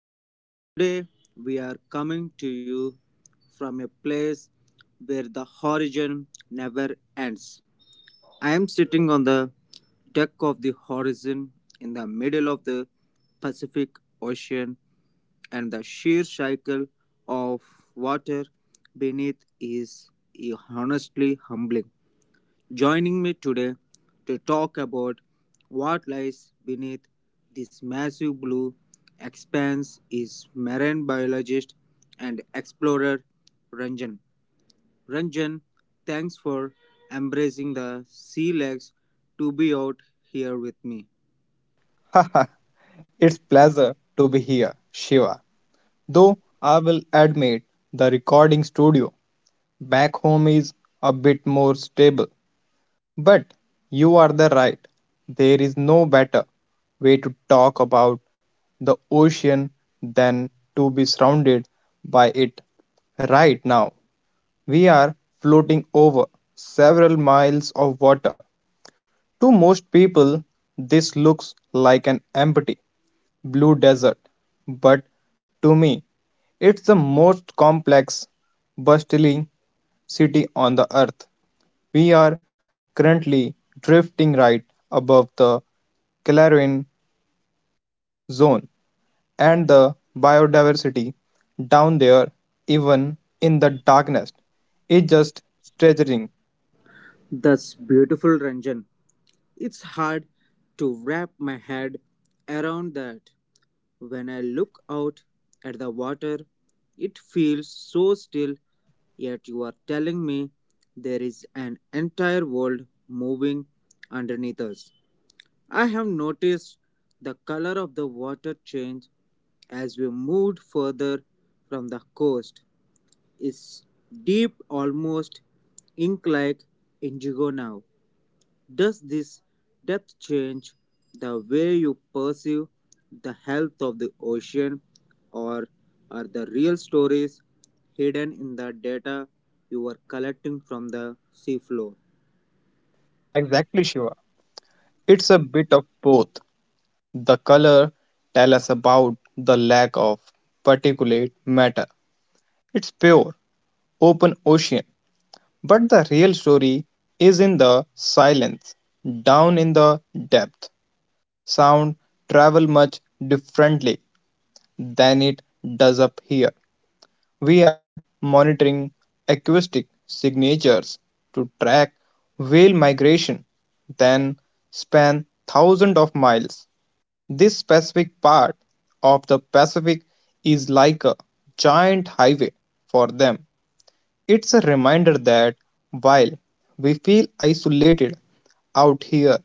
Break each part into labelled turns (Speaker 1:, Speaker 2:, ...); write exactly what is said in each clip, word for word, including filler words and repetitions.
Speaker 1: that today we are coming to you from a place where the horizon never ends. I am sitting on the deck of the horizon in the middle of the Pacific Ocean and the sheer cycle of water beneath is honestly humbling. Joining me today to talk about what lies beneath this massive blue expanse is marine biologist and explorer Ranjan. Ranjan, thanks for embracing the sea legs to be out here with me.
Speaker 2: It's pleasure to be here, Shiva. Though I will admit the recording studio back home is a bit more stable. But you are the right. There is no better way to talk about the ocean than to be surrounded by it right now. We are floating over several miles of water. To most people, this looks like an empty blue desert, but to me, it's the most complex, bustling city on the earth. We are currently drifting right above the Clarion Zone, and the biodiversity down there, even in the darkness, is just staggering.
Speaker 1: That's beautiful, Ranjan. It's hard to wrap my head around that. When I look out at the water, it feels so still, yet you are telling me there is an entire world moving underneath us. I have noticed the color of the water change as we moved further from the coast. It's deep, almost ink like indigo now. Does this depth change the way you perceive the health of the ocean, or are the real stories hidden in the data you are collecting from the seafloor?
Speaker 2: Exactly, Shiva. It's a bit of both. The color tell us about the lack of particulate matter. It's pure open ocean. But the real story is in the silence, down in the depth. Sound travels much differently than it does up here. We are monitoring acoustic signatures to track whale migration, then span thousands of miles. This specific part of the Pacific is like a giant highway for them. It's a reminder that while we feel isolated out here,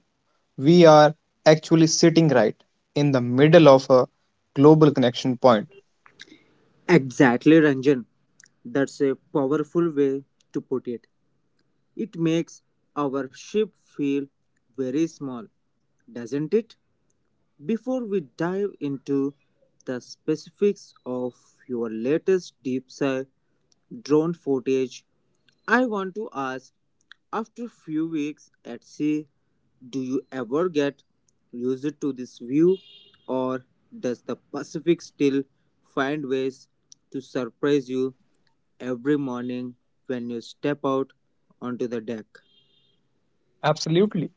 Speaker 2: we are actually sitting right in the middle of a global connection point.
Speaker 1: Exactly, Ranjan. That's a powerful way to put it. It makes our ship feel very small, doesn't it? Before we dive into the specifics of your latest deep dive drone footage. I want to ask after few weeks at sea, do you ever get used to this view or does the Pacific still find ways to surprise you every morning when you step out onto the deck?
Speaker 2: Absolutely.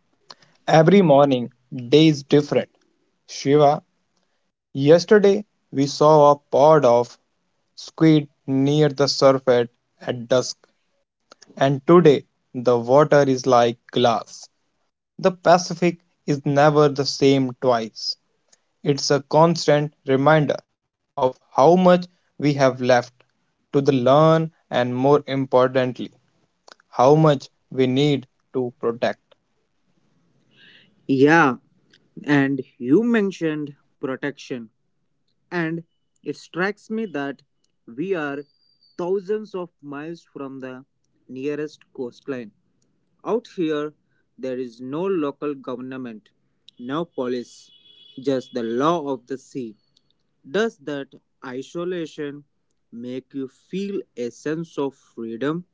Speaker 2: Every morning, day is different. Shiva, yesterday we saw a pod of squid near the surface at dusk, and today the water is like glass. The Pacific is never the same twice. It's a constant reminder of how much we have left to the learn, and more importantly, how much we need to protect.
Speaker 1: Yeah, and you mentioned protection, and it strikes me that we are thousands of miles from the nearest coastline. Out here, there is no local government, no police, just the law of the sea. Does that isolation make you feel a sense of freedom,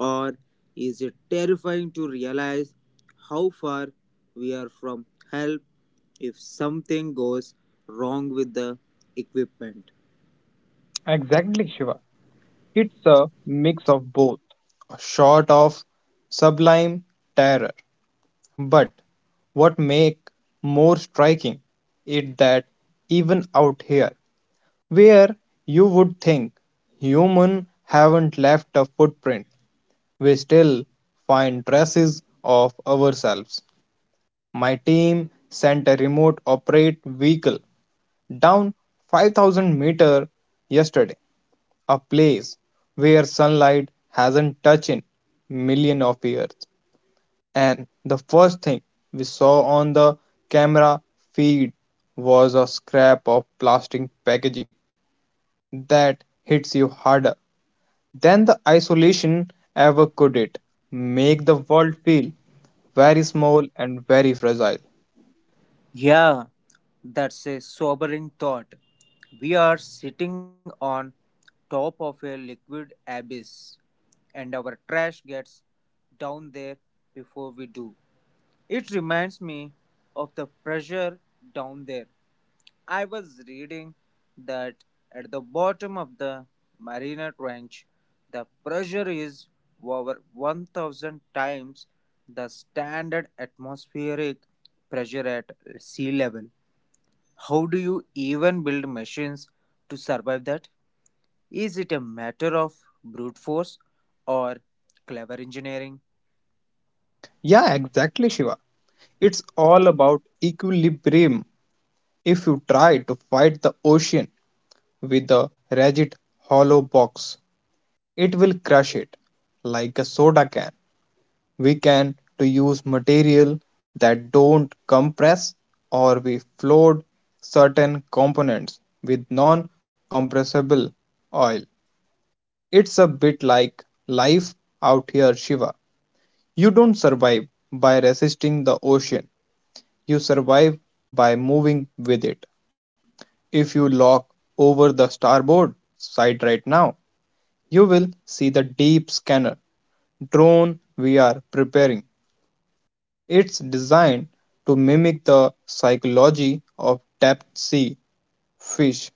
Speaker 1: or is it terrifying to realize how far we are from help if something goes wrong with the equipment?
Speaker 2: Exactly, Shiva. It's a mix of both, a sort of sublime terror. But what make more striking is that even out here, where you would think human haven't left a footprint, we still find traces of ourselves. My team sent a remote operate vehicle down 5000 meter yesterday, a place where sunlight hasn't touched in million of years. And the first thing we saw on the camera feed was a scrap of plastic packaging. That hits you harder then the isolation ever could. It make the world feel very small and very fragile.
Speaker 1: Yeah, that's a sobering thought. We are sitting on top of a liquid abyss, and our trash gets down there before we do. It reminds me of the pressure down there. I was reading that at the bottom of the Marina Trench, the pressure is over one thousand times the standard atmospheric pressure at sea level. How do you even build machines to survive that? Is it a matter of brute force or clever engineering?
Speaker 2: Yeah, exactly, Shiva. It's all about equilibrium. If you try to fight the ocean with a rigid hollow box, it will crush it like a soda can. We can to use material that don't compress, or we float certain components with non-compressible oil. It's a bit like life out here, Shiva. You don't survive by resisting the ocean, you survive by moving with it. If you look over the starboard side right now, you will see the deep scanner drone we are preparing. It's designed to mimic the psychology of deep sea fish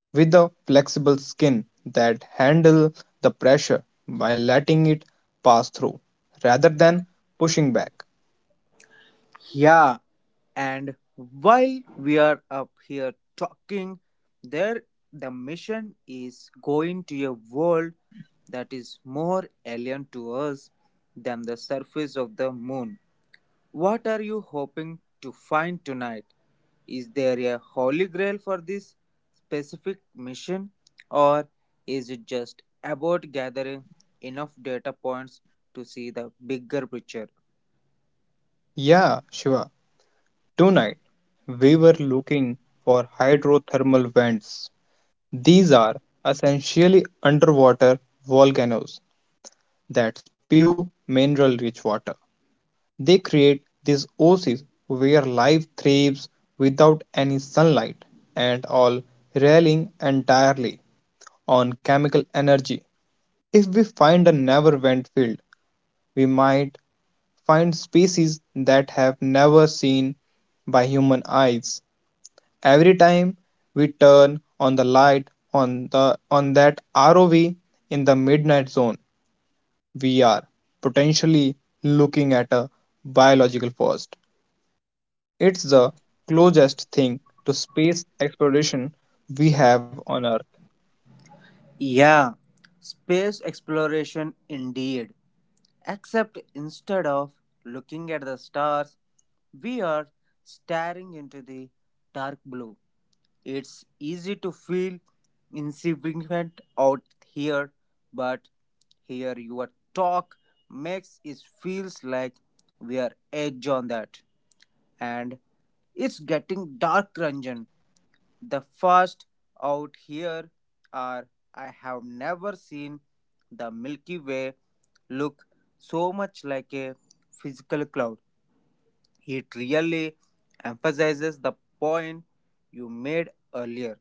Speaker 2: with a flexible skin that handle the pressure while letting it pass through rather than pushing back.
Speaker 1: Yeah, and while we are up here talking, there the mission is going to a world that is more alien to us than the surface of the moon. What are you hoping to find tonight? Is there a holy grail for this specific mission, or is it just about gathering enough data points to see the bigger picture?
Speaker 2: Yeah, Shiva. Tonight we were looking for hydrothermal vents. These are essentially underwater volcanoes that spew mineral rich water. They create these oases where life thrives without any sunlight, and all relying entirely on chemical energy. If we find a never went field, we might find species that have never seen by human eyes. Every time we turn on the light on the on that R O V in the midnight zone, we are potentially looking at a biological forest. It's the closest thing to space exploration we have on Earth.
Speaker 1: Yeah, space exploration indeed. Except instead of looking at the stars, we are staring into the dark blue. It's easy to feel insignificant out here, but here your talk makes it feels like we are edge on that. And it's getting dark, Ranjan. The first out here are I have never seen the Milky Way look so much like a physical cloud. It really emphasizes the point you made earlier.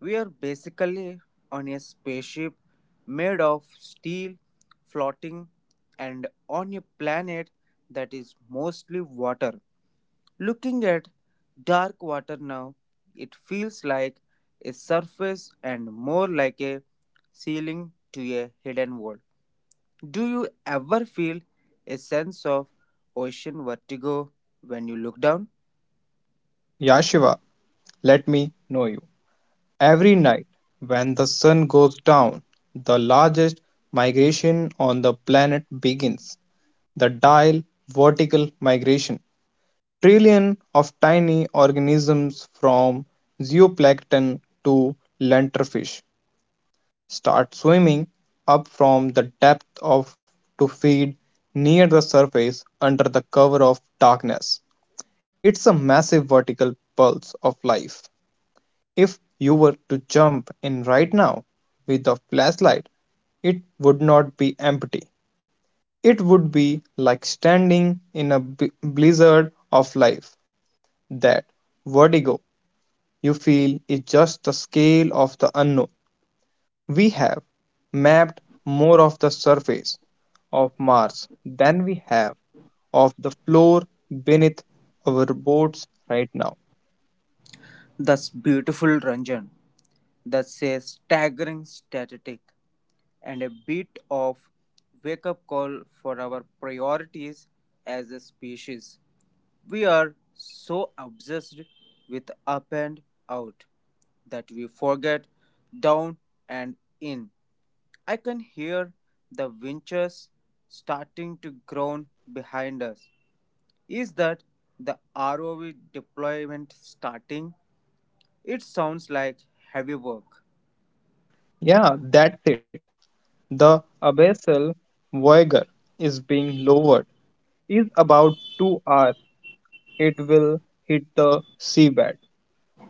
Speaker 1: We are basically on a spaceship made of steel, floating, and on a planet that is mostly water. Looking at dark water now, it feels like a surface and more like a ceiling to a hidden world. Do you ever feel a sense of ocean vertigo when you look down?
Speaker 2: Yashiva, let me know you. Every night, when the sun goes down, the largest migration on the planet begins, the dial vertical migration. Trillions of tiny organisms from zooplankton to lenterfish start swimming up from the depth of to feed near the surface under the cover of darkness. It's a massive vertical pulse of life. If you were to jump in right now with a flashlight, it would not be empty. It would be like standing in a blizzard of life. That vertigo you feel is just the scale of the unknown. We have mapped more of the surface of Mars than we have of the floor beneath our boats right now.
Speaker 1: That's beautiful, Ranjan. That's a staggering statistic, and a bit of wake up call for our priorities as a species. We are so obsessed with up and out that we forget down and in. I can hear the winches starting to groan behind us. Is that the R O V deployment starting? It sounds like heavy work.
Speaker 2: Yeah, that's it. The abyssal Voyager is being lowered. Is about two hours it will hit the seabed.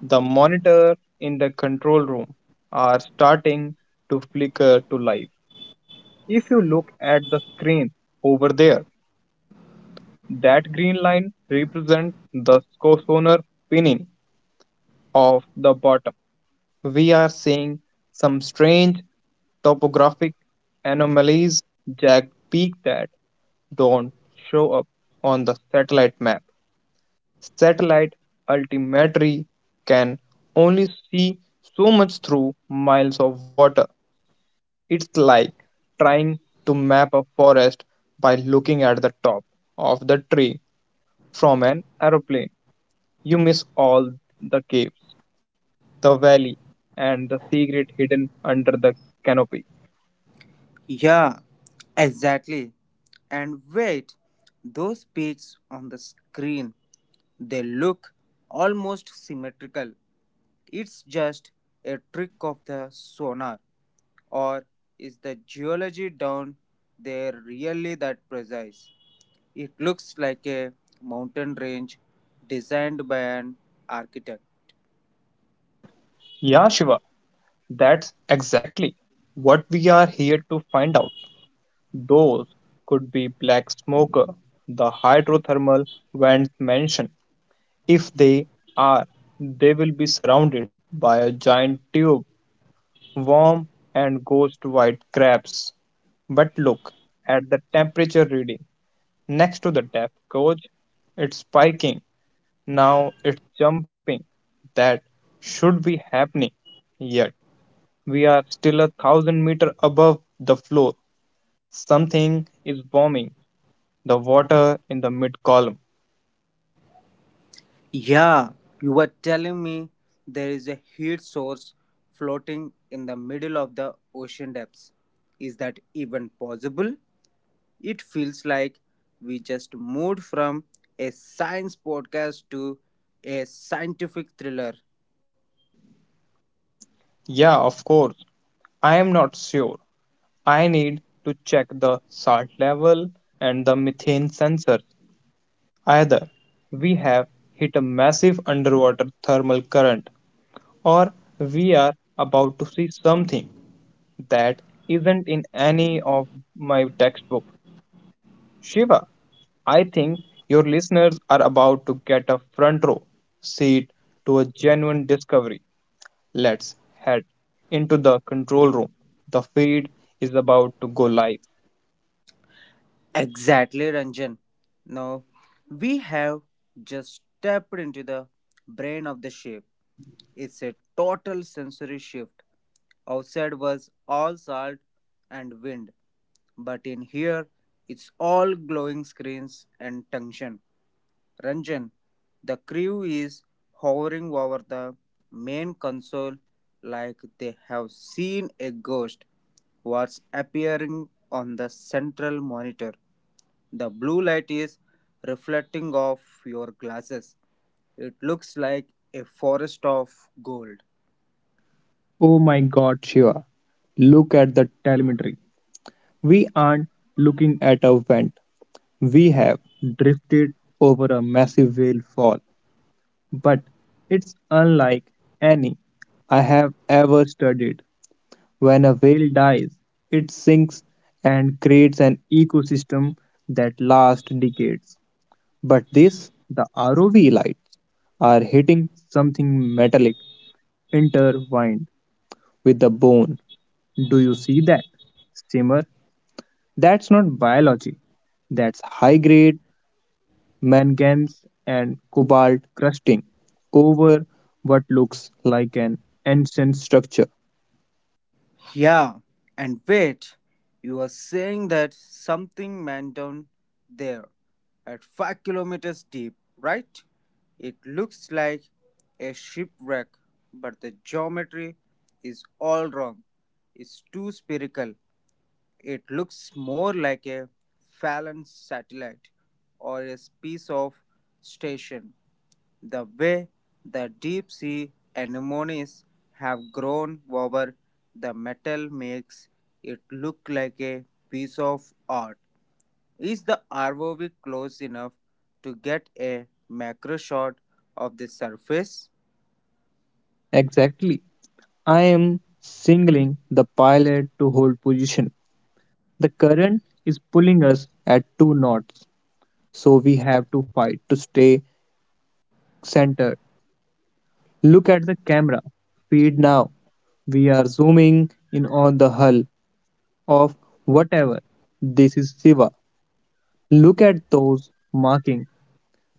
Speaker 2: The monitor in the control room are starting to flicker to life. If you look at the screen over there, that green line represents the sonar pinning of the bottom. We are seeing some strange topographic anomalies Jack peeked at, don't show up on the satellite map. Satellite altimetry can only see so much through miles of water. It's like trying to map a forest by looking at the top of the tree from an aeroplane. You miss all the caves, the valley, and the secret hidden under the canopy.
Speaker 1: Yeah, exactly. And wait, those peaks on the screen, they look almost symmetrical. It's just a trick of the sonar. Or is the geology down there really that precise? It looks like a mountain range designed by an architect.
Speaker 2: Yeah, Shiva, that's exactly what we are here to find out. Those could be black smoker, the hydrothermal vents mentioned. If they are, they will be surrounded by a giant tube, worm, and ghost white crabs. But look at the temperature reading next to the depth gauge. It's spiking. Now it's jumping. That should be happening, yet we are still a thousand meter above the floor. Something is warming the water in the mid column.
Speaker 1: Yeah, you were telling me there is a heat source floating in the middle of the ocean depths. Is that even possible? It feels like we just moved from a science podcast to a scientific thriller.
Speaker 2: Yeah, of course. I am not sure. I need to check the salt level and the methane sensor. Either we have hit a massive underwater thermal current, or we are about to see something that isn't in any of my textbook. Shiva, I think your listeners are about to get a front row seat to a genuine discovery. Let's head into the control room. The feed is about to go live.
Speaker 1: Exactly, Ranjan. Now, we have just stepped into the brain of the shape. It's a total sensory shift. Outside was all salt and wind, but in here, it's all glowing screens and tension. Ranjan, the crew is hovering over the main console like they have seen a ghost. What's appearing on the central monitor? The blue light is reflecting off your glasses. It looks like a forest of gold.
Speaker 2: Oh my god, Shiva. Look at the telemetry. We aren't looking at a vent. We have drifted over a massive whale fall. But it's unlike any I have ever studied. When a whale dies, it sinks and creates an ecosystem that lasts decades. But this, the R O V lights, are hitting something metallic intertwined with the bone. Do you see that? Simmer, that's not biology. That's high grade manganese and cobalt crusting over what looks like an ancient structure.
Speaker 1: Yeah, and wait, you are saying that something went down there at five kilometers deep, right? It looks like a shipwreck, but the geometry is all wrong. It's too spherical. It looks more like a Fallon satellite or a piece of station. The way the deep sea anemones have grown over the metal makes it look like a piece of art. Is the R O V close enough to get a macro shot of the surface?
Speaker 2: Exactly. I am singling the pilot to hold position. The current is pulling us at two knots, so we have to fight to stay centered. Look at the camera. Feed now. We are zooming in on the hull of whatever. This is Siva, look at those markings.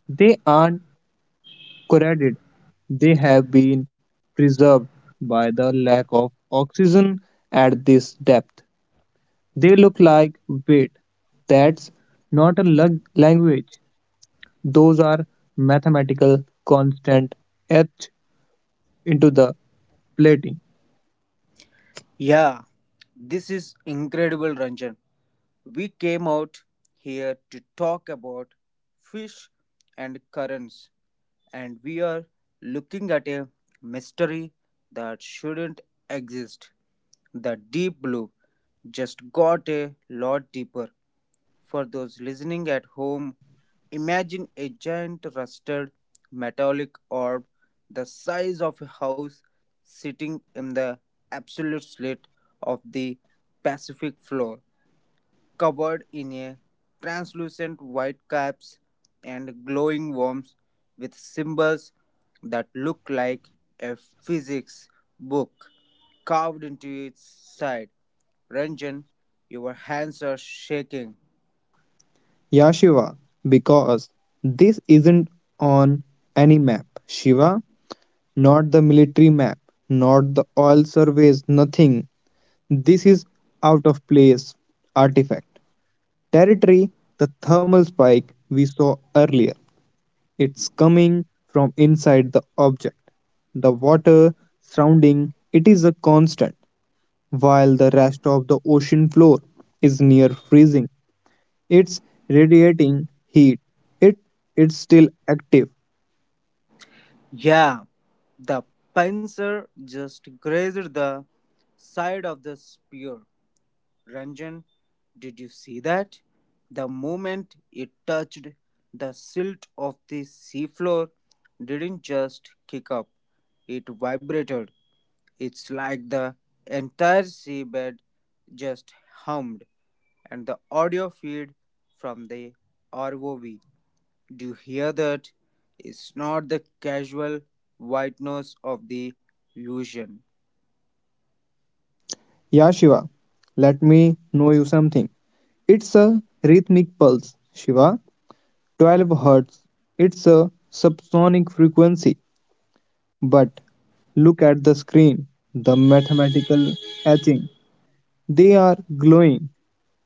Speaker 2: They aren't corroded. They have been preserved by the lack of oxygen at this depth. They look like weight. That's not a lug- language. Those are mathematical constant etched into the plating.
Speaker 1: Yeah, this is incredible, Ranjan. We came out here to talk about fish and currents, and we are looking at a mystery that shouldn't exist. The deep blue just got a lot deeper. For those listening at home, imagine a giant rusted metallic orb the size of a house sitting in the absolute slit of the Pacific floor covered in a translucent white caps and glowing worms with symbols that look like a physics book carved into its side. Ranjan, your hands are shaking.
Speaker 2: Yeah, Shiva, because this isn't on any map. Shiva, not the military map, not the oil surveys, nothing. This is out of place artifact. Territory, the thermal spike we saw earlier. It's coming from inside the object. The water surrounding it is a constant, while the rest of the ocean floor is near freezing. It's radiating heat. It it's still active.
Speaker 1: Yeah, the pincer just grazed the side of the spear. Ranjan, did you see that? The moment it touched the silt of the seafloor, didn't just kick up, it vibrated. It's like the entire seabed just hummed, and the audio feed from the R O V. Do you hear that? It's not the casual white noise of the illusion.
Speaker 2: Yeah, Shiva, let me know you something. It's a rhythmic pulse, Shiva. 12 hertz. It's a subsonic frequency. But look at the screen, the mathematical etching. They are glowing.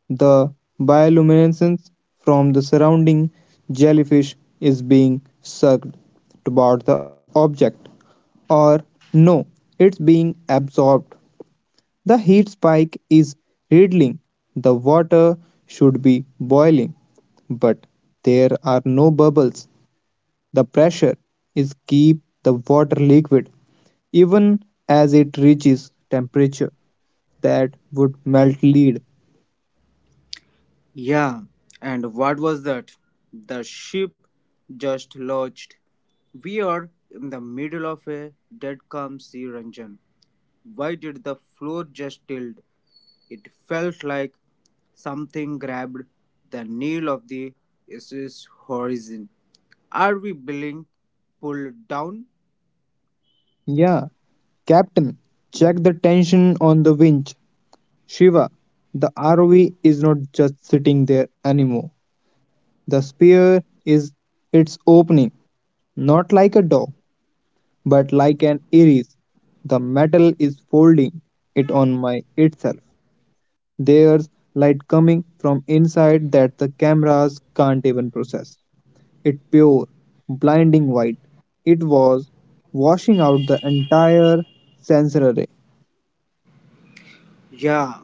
Speaker 2: The bioluminescence from the surrounding jellyfish is being sucked toward the object. Or no, it's being absorbed. The heat spike is riddling. The water should be boiling, but there are no bubbles. The pressure is keep the water liquid even as it reaches temperature that would melt lead.
Speaker 1: Yeah, and what was that? The ship just lodged. We are in the middle of a dead calm sea, Ranjan. Why did the floor just tilt? It felt like something grabbed the nail of the S S horizon. Are we being pulled down?
Speaker 2: Yeah, Captain, check the tension on the winch. Shiva, the R O V is not just sitting there anymore. The spear is its opening, not like a door, but like an iris. The metal is folding it on my itself. There's light coming from inside that the cameras can't even process. It pure, blinding white. It was washing out the entire sensor array.
Speaker 1: Yeah,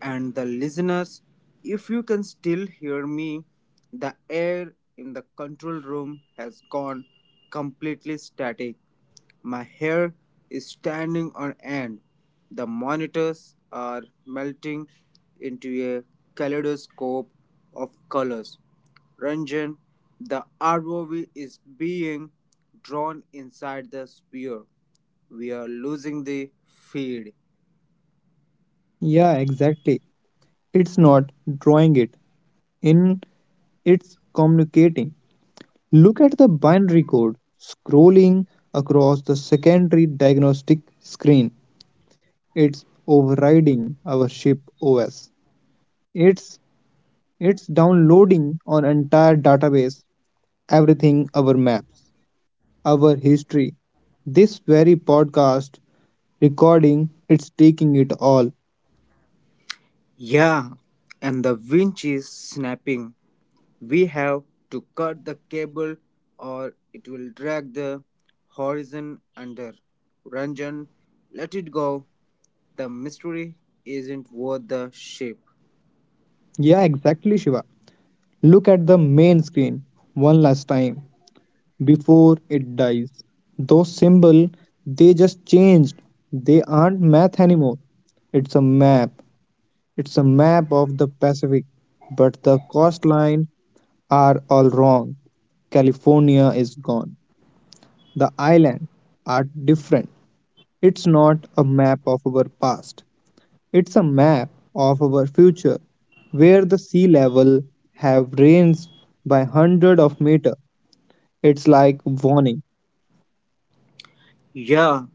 Speaker 1: and the listeners, if you can still hear me, the air in the control room has gone completely static. My hair is standing on end. The monitors are melting into a kaleidoscope of colors. Ranjan, the R O V is being drawn inside the sphere. We are losing the field.
Speaker 2: Yeah, exactly. It's not drawing it in, it's communicating. Look at the binary code scrolling across the secondary diagnostic screen. It's overriding our ship O S. It's it's downloading an entire database, everything, our maps, our history. This very podcast recording, it's taking it all.
Speaker 1: Yeah, and the winch is snapping. We have to cut the cable or it will drag the horizon under. Ranjan, let it go. The mystery isn't worth the ship.
Speaker 2: Yeah, exactly, Shiva. Look at the main screen one last time before it dies. Those symbol, they just changed. They aren't math anymore. It's a map. It's a map of the Pacific, but the coastline are all wrong. California is gone. The islands are different. It's not a map of our past, it's a map of our future, where the sea level have raised by hundred of meter. It's like warning.
Speaker 1: Yeah,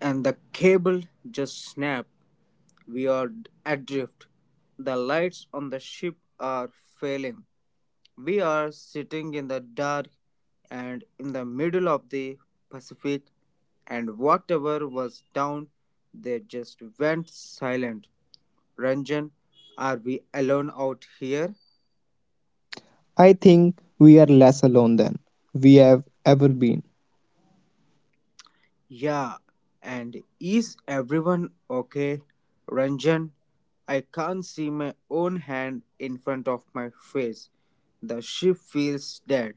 Speaker 1: and the cable just snapped. We are adrift. The lights on the ship are failing. We are sitting in the dark and in the middle of the Pacific, and whatever was down there just went silent. Ranjan, are we alone out here?
Speaker 2: I think we are less alone than we have ever been.
Speaker 1: Yeah, and is everyone okay? Ranjan, I can't see my own hand in front of my face. The ship feels dead.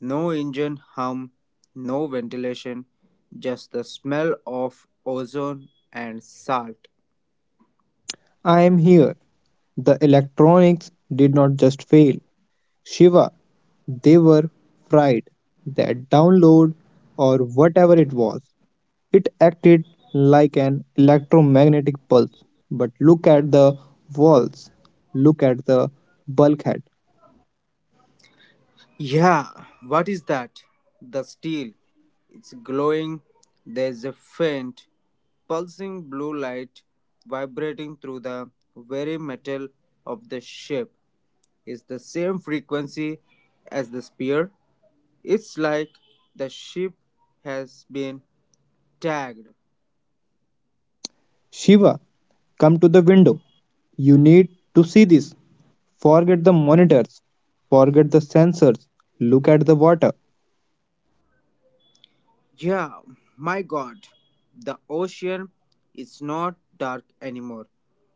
Speaker 1: No engine hum, no ventilation, just the smell of ozone and salt.
Speaker 2: I am here. The electronics did not just fail. Shiva, they were fried. That download, or whatever it was, it acted like an electromagnetic pulse. But look at the walls. Look at the bulkhead.
Speaker 1: Yeah, what is that? The steel. It's glowing. There's a faint, pulsing blue light vibrating through the very metal of the ship. It's the same frequency as the spear. It's like the ship has been tagged.
Speaker 2: Shiva, come to the window. You need to see this. Forget the monitors. Forget the sensors. Look at the water.
Speaker 1: Yeah, my god, the ocean is not dark anymore.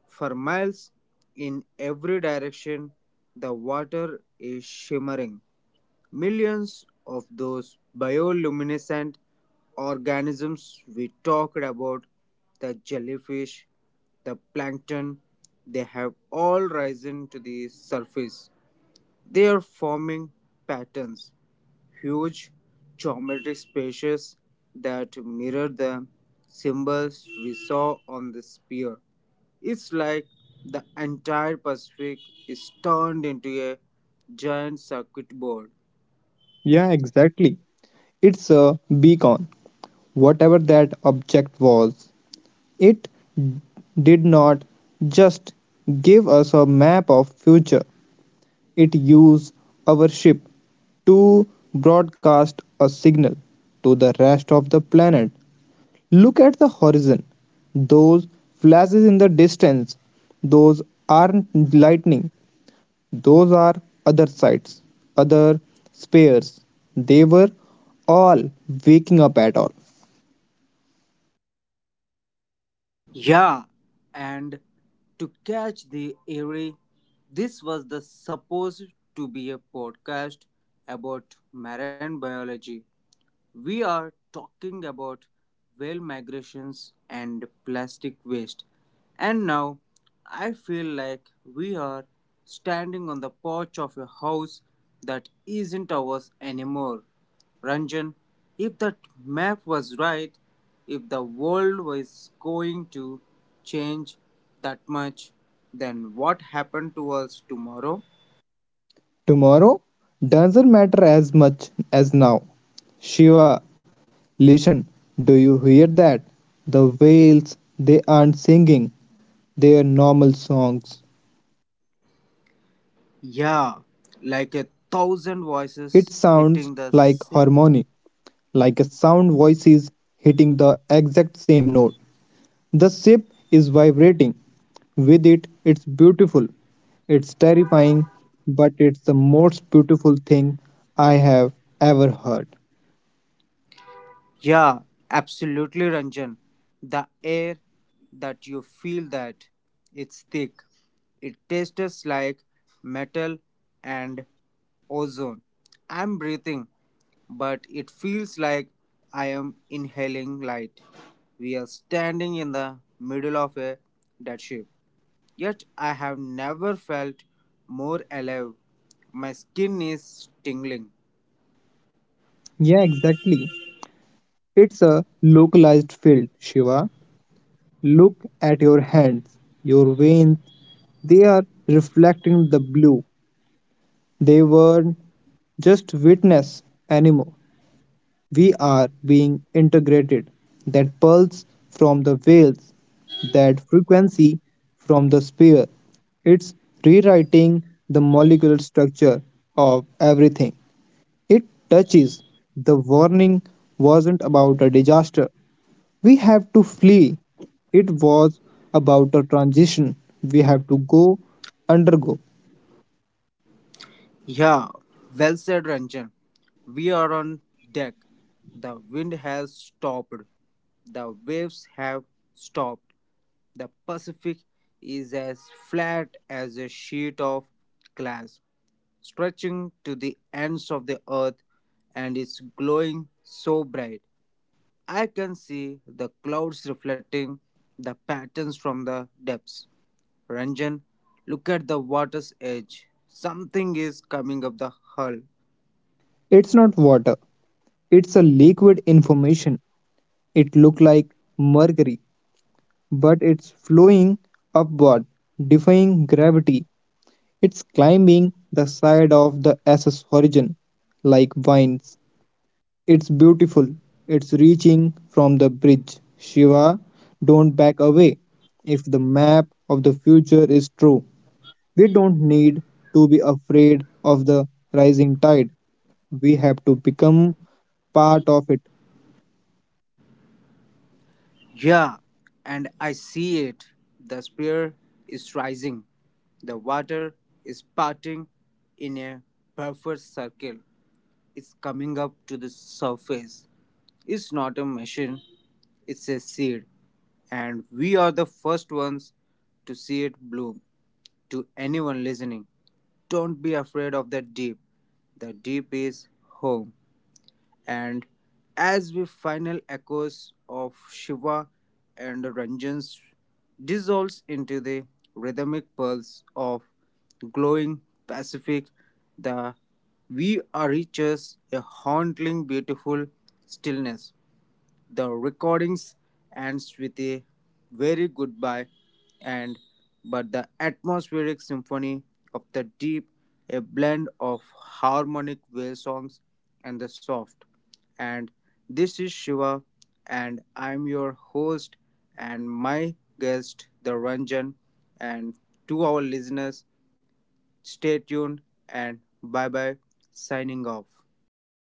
Speaker 1: For miles in every direction, the water is shimmering. Millions of those bioluminescent organisms we talked about, the jellyfish, the plankton, they have all risen to the surface. They are forming patterns, huge geometric spaces that mirror the symbols we saw on the spear. It's like the entire Pacific is turned into a giant circuit board.
Speaker 2: Yeah, exactly. It's a beacon. Whatever that object was, it did not just give us a map of future. It used our ship to broadcast a signal to the rest of the planet. Look at the horizon. Those flashes in the distance, those aren't lightning, those are other sights, other spheres. They were all waking up at all.
Speaker 1: Yeah, and to catch the eerie, this was the supposed to be a podcast about marine biology. We are talking about whale migrations and plastic waste. And now I feel like we are standing on the porch of a house that isn't ours anymore. Ranjan, if that map was right, if the world was going to change that much, then what happened to us tomorrow?
Speaker 2: Tomorrow doesn't matter as much as now. Shiva, listen, do you hear that? The whales, they aren't singing their normal songs.
Speaker 1: Yeah, like a thousand
Speaker 2: It
Speaker 1: voices
Speaker 2: sounds
Speaker 1: hitting the
Speaker 2: like
Speaker 1: sa-
Speaker 2: harmony, like a sound voice is hitting the exact same note. The ship is vibrating. With it, it's beautiful. It's terrifying, but it's the most beautiful thing I have ever heard.
Speaker 1: Yeah, absolutely, Ranjan. The air that you feel that it's thick. It tastes like metal and ozone. I'm breathing, but it feels like I am inhaling light. We are standing in the middle of a dead ship. Yet I have never felt more alive. My skin is tingling.
Speaker 2: Yeah, exactly. It's a localized field, Shiva. Look at your hands, your veins. They are reflecting the blue. They weren't just witness anymore. We are being integrated. That pulse from the veils, that frequency from the sphere. It's rewriting the molecular structure of everything. It touches. The warning wasn't about a disaster, we have to flee. It was about a transition we have to go undergo.
Speaker 1: Yeah, well said, Ranjan. We are on deck. The wind has stopped. The waves have stopped. The Pacific is as flat as a sheet of glass, stretching to the ends of the earth, and is glowing so bright. I can see the clouds reflecting the patterns from the depths. Ranjan, look at the water's edge. Something is coming up the hull.
Speaker 2: It's not water, it's a liquid information. It look like mercury, but it's flowing upward, defying gravity. It's climbing the side of the S S horizon like vines. It's beautiful. It's reaching from the bridge. Shiva, don't back away, if the map of the future is true. We don't need to be afraid of the rising tide. We have to become part of it.
Speaker 1: Yeah, and I see it. The spear is rising. The water is parting in a perfect circle. It's coming up to the surface. It's not a machine, it's a seed. And we are the first ones to see it bloom. To anyone listening, don't be afraid of the deep. The deep is home, and as with final echoes of Shiva and Ranjan's dissolves into the rhythmic pulse of glowing Pacific, the we reaches a haunting beautiful stillness, the recordings ends with a very goodbye, and but the atmospheric symphony of the deep, a blend of harmonic whale songs and the soft, and this is Shiva and I'm your host, and my guest the Ranjan, and to our listeners, stay tuned and bye bye, signing off.